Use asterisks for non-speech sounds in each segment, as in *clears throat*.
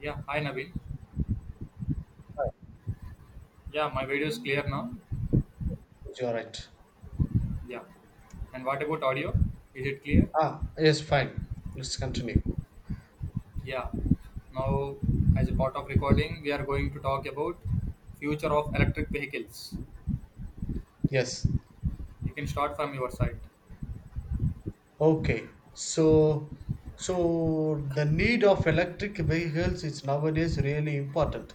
Yeah, hi Naveen. Yeah, my video is clear now. You're right. Yeah. And what about audio? Is it clear? Ah, yes, fine. Let's continue. Yeah. Now, as a part of recording, we are going to talk about future of electric vehicles. Yes. You can start from your side. Okay. So the need of electric vehicles is nowadays really important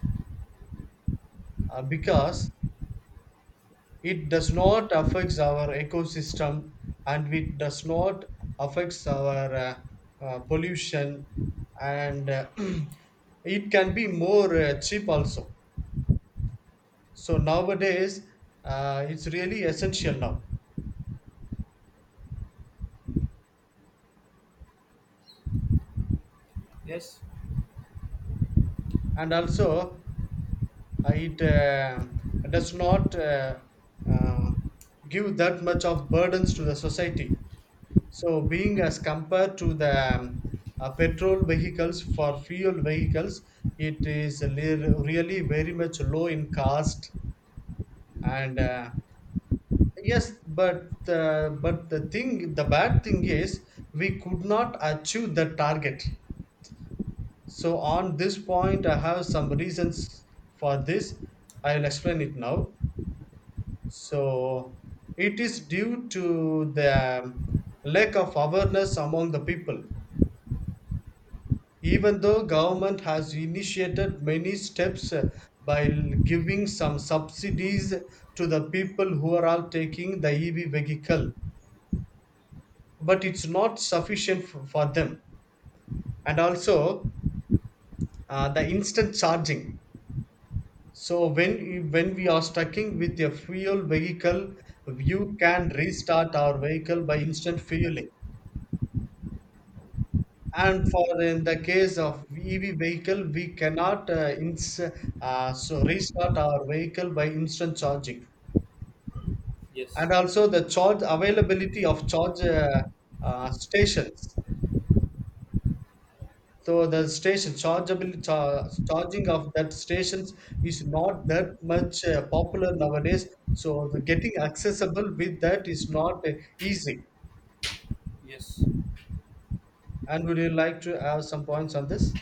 because it does not affects our ecosystem and it does not affects our pollution and *clears throat* it can be more cheap also. So nowadays, it's really essential now. Yes. And also, it does not uh, give that much of burdens to the society. So, being Mm-hmm. as compared to the petrol vehicles for fuel vehicles, it is really very much low in cost. And yes, but the thing, the bad thing is, we could not achieve the target. So, on this point, I have some reasons for this. I'll explain it now. So it is due to the lack of awareness among the people. Even though government has initiated many steps by giving some subsidies to the people who are all taking the EV vehicle, but it's not sufficient for them. And also the instant charging. So when we are stucking with a fuel vehicle, you can restart our vehicle by instant fueling. And for in the case of EV vehicle, we cannot restart our vehicle by instant charging. Yes. And also the charge availability of charge stations. So the station charging of that stations is not that much popular nowadays. So the getting accessible with that is not easy. Yes. And would you like to have some points on this?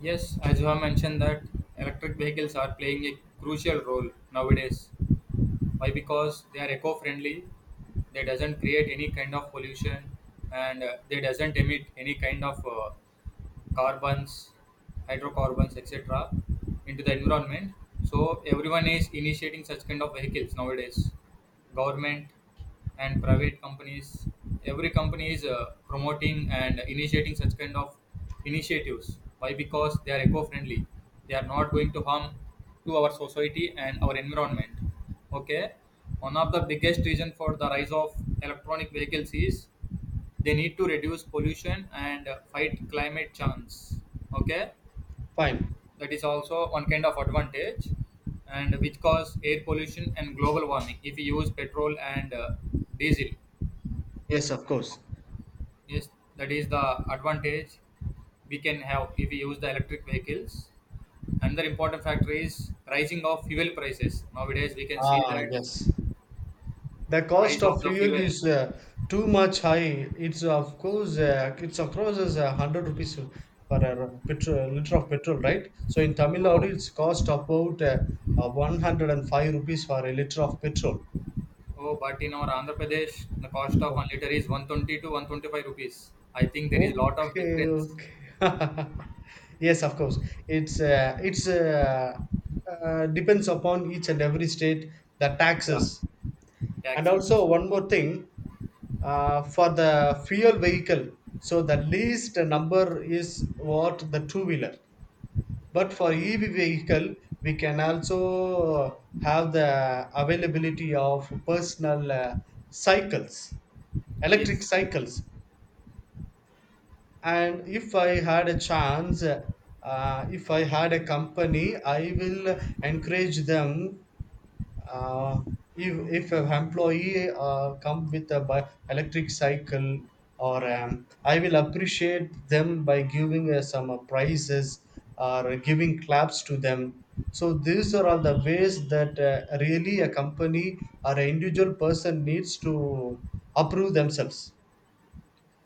Yes. As you have mentioned that electric vehicles are playing a crucial role nowadays. Why? Because they are eco-friendly. They doesn't create any kind of pollution, and they doesn't emit any kind of carbons, hydrocarbons, etc., into the environment. So everyone is initiating such kind of vehicles nowadays. Government and private companies, every company is promoting and initiating such kind of initiatives. Why? Because they are eco-friendly. They are not going to harm to our society and our environment. Okay. One of the biggest reason for the rise of electronic vehicles is they need to reduce pollution and fight climate change. Okay, Fine. that is also one kind of advantage, and which cause air pollution and global warming if we use petrol and diesel. Yes, of course. Yes, that is the advantage we can have if we use the electric vehicles. Another important factor is rising of fuel prices nowadays. We can see Ah, that yes, the cost price of of the fuel fuel. is too much high. It's of course it's approaches 100 rupees for a petrol, liter of petrol, right? So in Tamil Oh Nadu it's cost about 105 rupees for a liter of petrol. Oh, but in our Andhra Pradesh, the cost of one Okay, liter is 120 to 125 rupees. I think there is lot of okay, difference. okay. *laughs* Yes, of course, it's depends upon each and every state, the Yeah, taxes. And also taxes. one more thing, for the fuel vehicle, so the least number is what, the two wheeler. But for EV vehicle we can also have the availability of personal cycles, electric Yes, cycles. And if I had a chance, if I had a company, I will encourage them. uh, if if an employee come with a electric cycle or I will appreciate them by giving some prizes or giving claps to them. So these are all the ways that really a company or an individual person needs to approve themselves.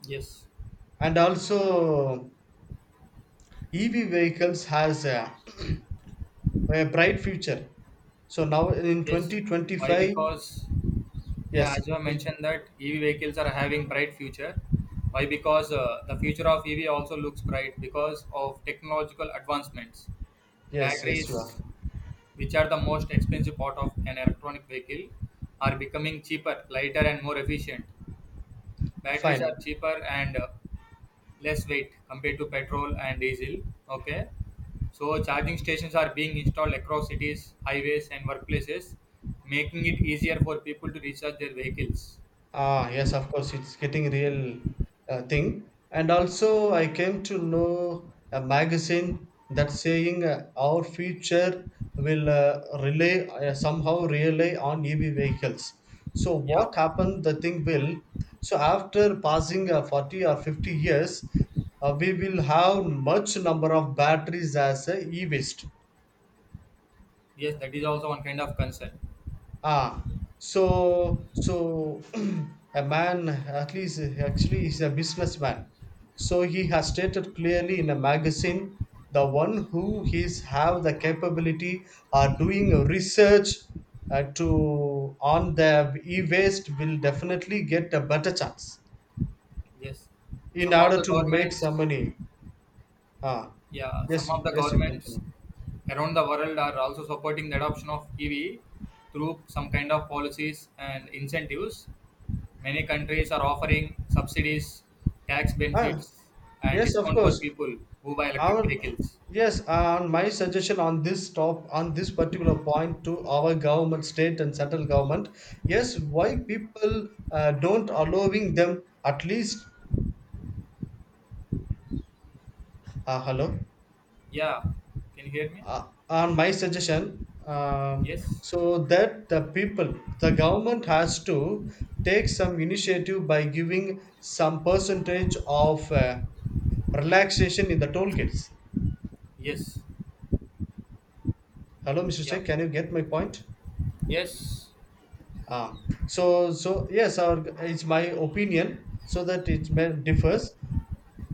yes, And also EV vehicles has a, *clears throat* a bright future. So now in yes. Why? 2025. Because, yeah, Yes. as you have mentioned that EV vehicles are having bright future. Why? Because the future of EV also looks bright because of technological advancements. Yes, yes, you are. Batteries, which are the most expensive part of an electronic vehicle, are becoming cheaper, lighter, and more efficient. Batteries are Fine. cheaper and less weight compared to petrol and diesel. Okay. So charging stations are being installed across cities, highways, and workplaces, making it easier for people to recharge their vehicles. Ah, yes, of course, it's getting real thing. And also, I came to know a magazine that saying our future will rely somehow rely on EV vehicles. So Yeah. what happened? The thing will. So after passing 40 or 50 years, we will have much number of batteries as a e-waste. Yes, that is also one kind of concern. Ah, so *clears throat* a man, at least actually, he's a businessman. So he has stated clearly in a magazine, the one who is have the capability are doing a research to on the e-waste will definitely get a better chance Yes. in Some of order the to make some governments. money. Ah, Yeah, some yes, of the yes, you governments continue. around the world are also supporting the adoption of EV through some kind of policies and incentives. Many countries are offering subsidies, tax Ah, benefits, and yes, of discount for course. people who buy electric Our vehicles. yes on my suggestion on this top on this particular point to our government, state and central government, yes, why people don't allowing them at least. Hello. Yeah, can you hear me? uh, on my suggestion, Yes, so that the people, the government has to take some initiative by giving some percentage of relaxation in the toll gates. yes, Hello, Mr. yeah, Sheikh, can you get my point? yes, So yes, our, it's my opinion, so that it may differs.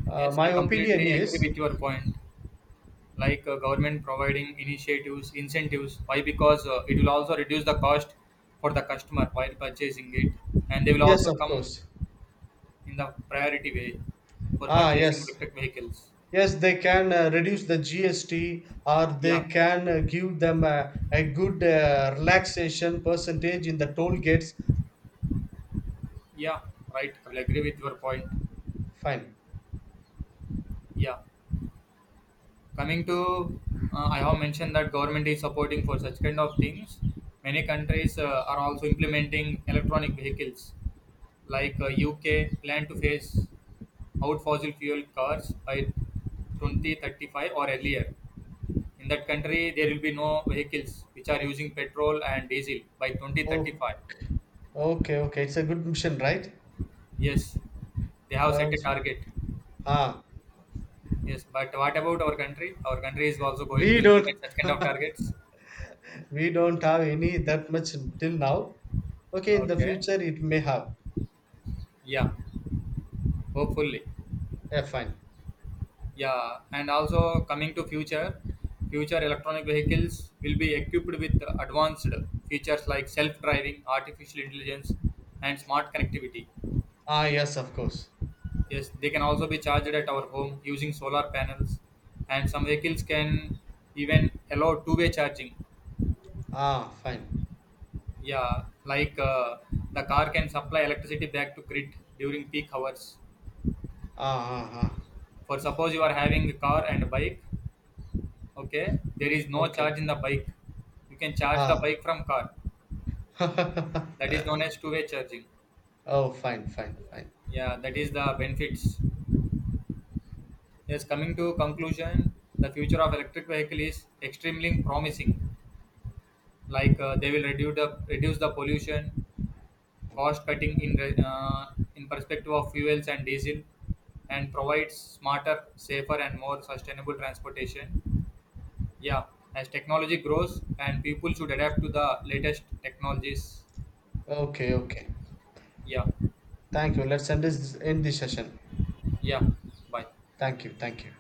Yes. My I opinion completely agree is with your point. Like, government providing initiatives incentives. Why? Because it will also reduce the cost for the customer while purchasing it, and they will yes, also of come course. in the priority way for Ah, purchasing yes, electric vehicles. yes, they can reduce the GST, or they Yeah, can give them a good relaxation percentage in the toll gates. yeah, right, I will agree with your point. Fine. Yeah, coming to, I have mentioned that government is supporting for such kind of things. Many countries are also implementing electronic vehicles, like, UK plan to phase out fossil fuel cars by 2035 or earlier. In that country there will be no vehicles which are using petrol and diesel by Oh, 2035. okay, okay, it's a good mission, right? Yes, they have Uh, set a target. ah, Yes, but what about our country? Our country is also going we to implement don't such kind of targets. we don't have any that much till now. Okay, in the Okay, future it may have. yeah, hopefully. Yeah, fine. Yeah, and also coming to future, future electronic vehicles will be equipped with advanced features like self-driving, artificial intelligence, and smart connectivity. Ah, yes, of course. Yes, they can also be charged at our home using solar panels, and some vehicles can even allow two-way charging. Ah, fine. Yeah, like, the car can supply electricity back to grid during peak hours. Ah, ah, ah. For suppose you are having a car and a bike. Okay, there is no Okay. charge in the bike. You can charge the Ah. bike from car. That is known *laughs* as two-way charging. Oh, fine, fine, fine. Yeah, that is the benefits. Yes, coming to conclusion, the future of electric vehicle is extremely promising. Like, uh, they will reduce the pollution, cost cutting in in perspective of fuels and diesel, and provides smarter, safer, and more sustainable transportation. Yeah, as technology grows, and people should adapt to the latest technologies. Okay, okay. Yeah. Thank you. Let's end this session. Yeah, bye. Thank you. Thank you.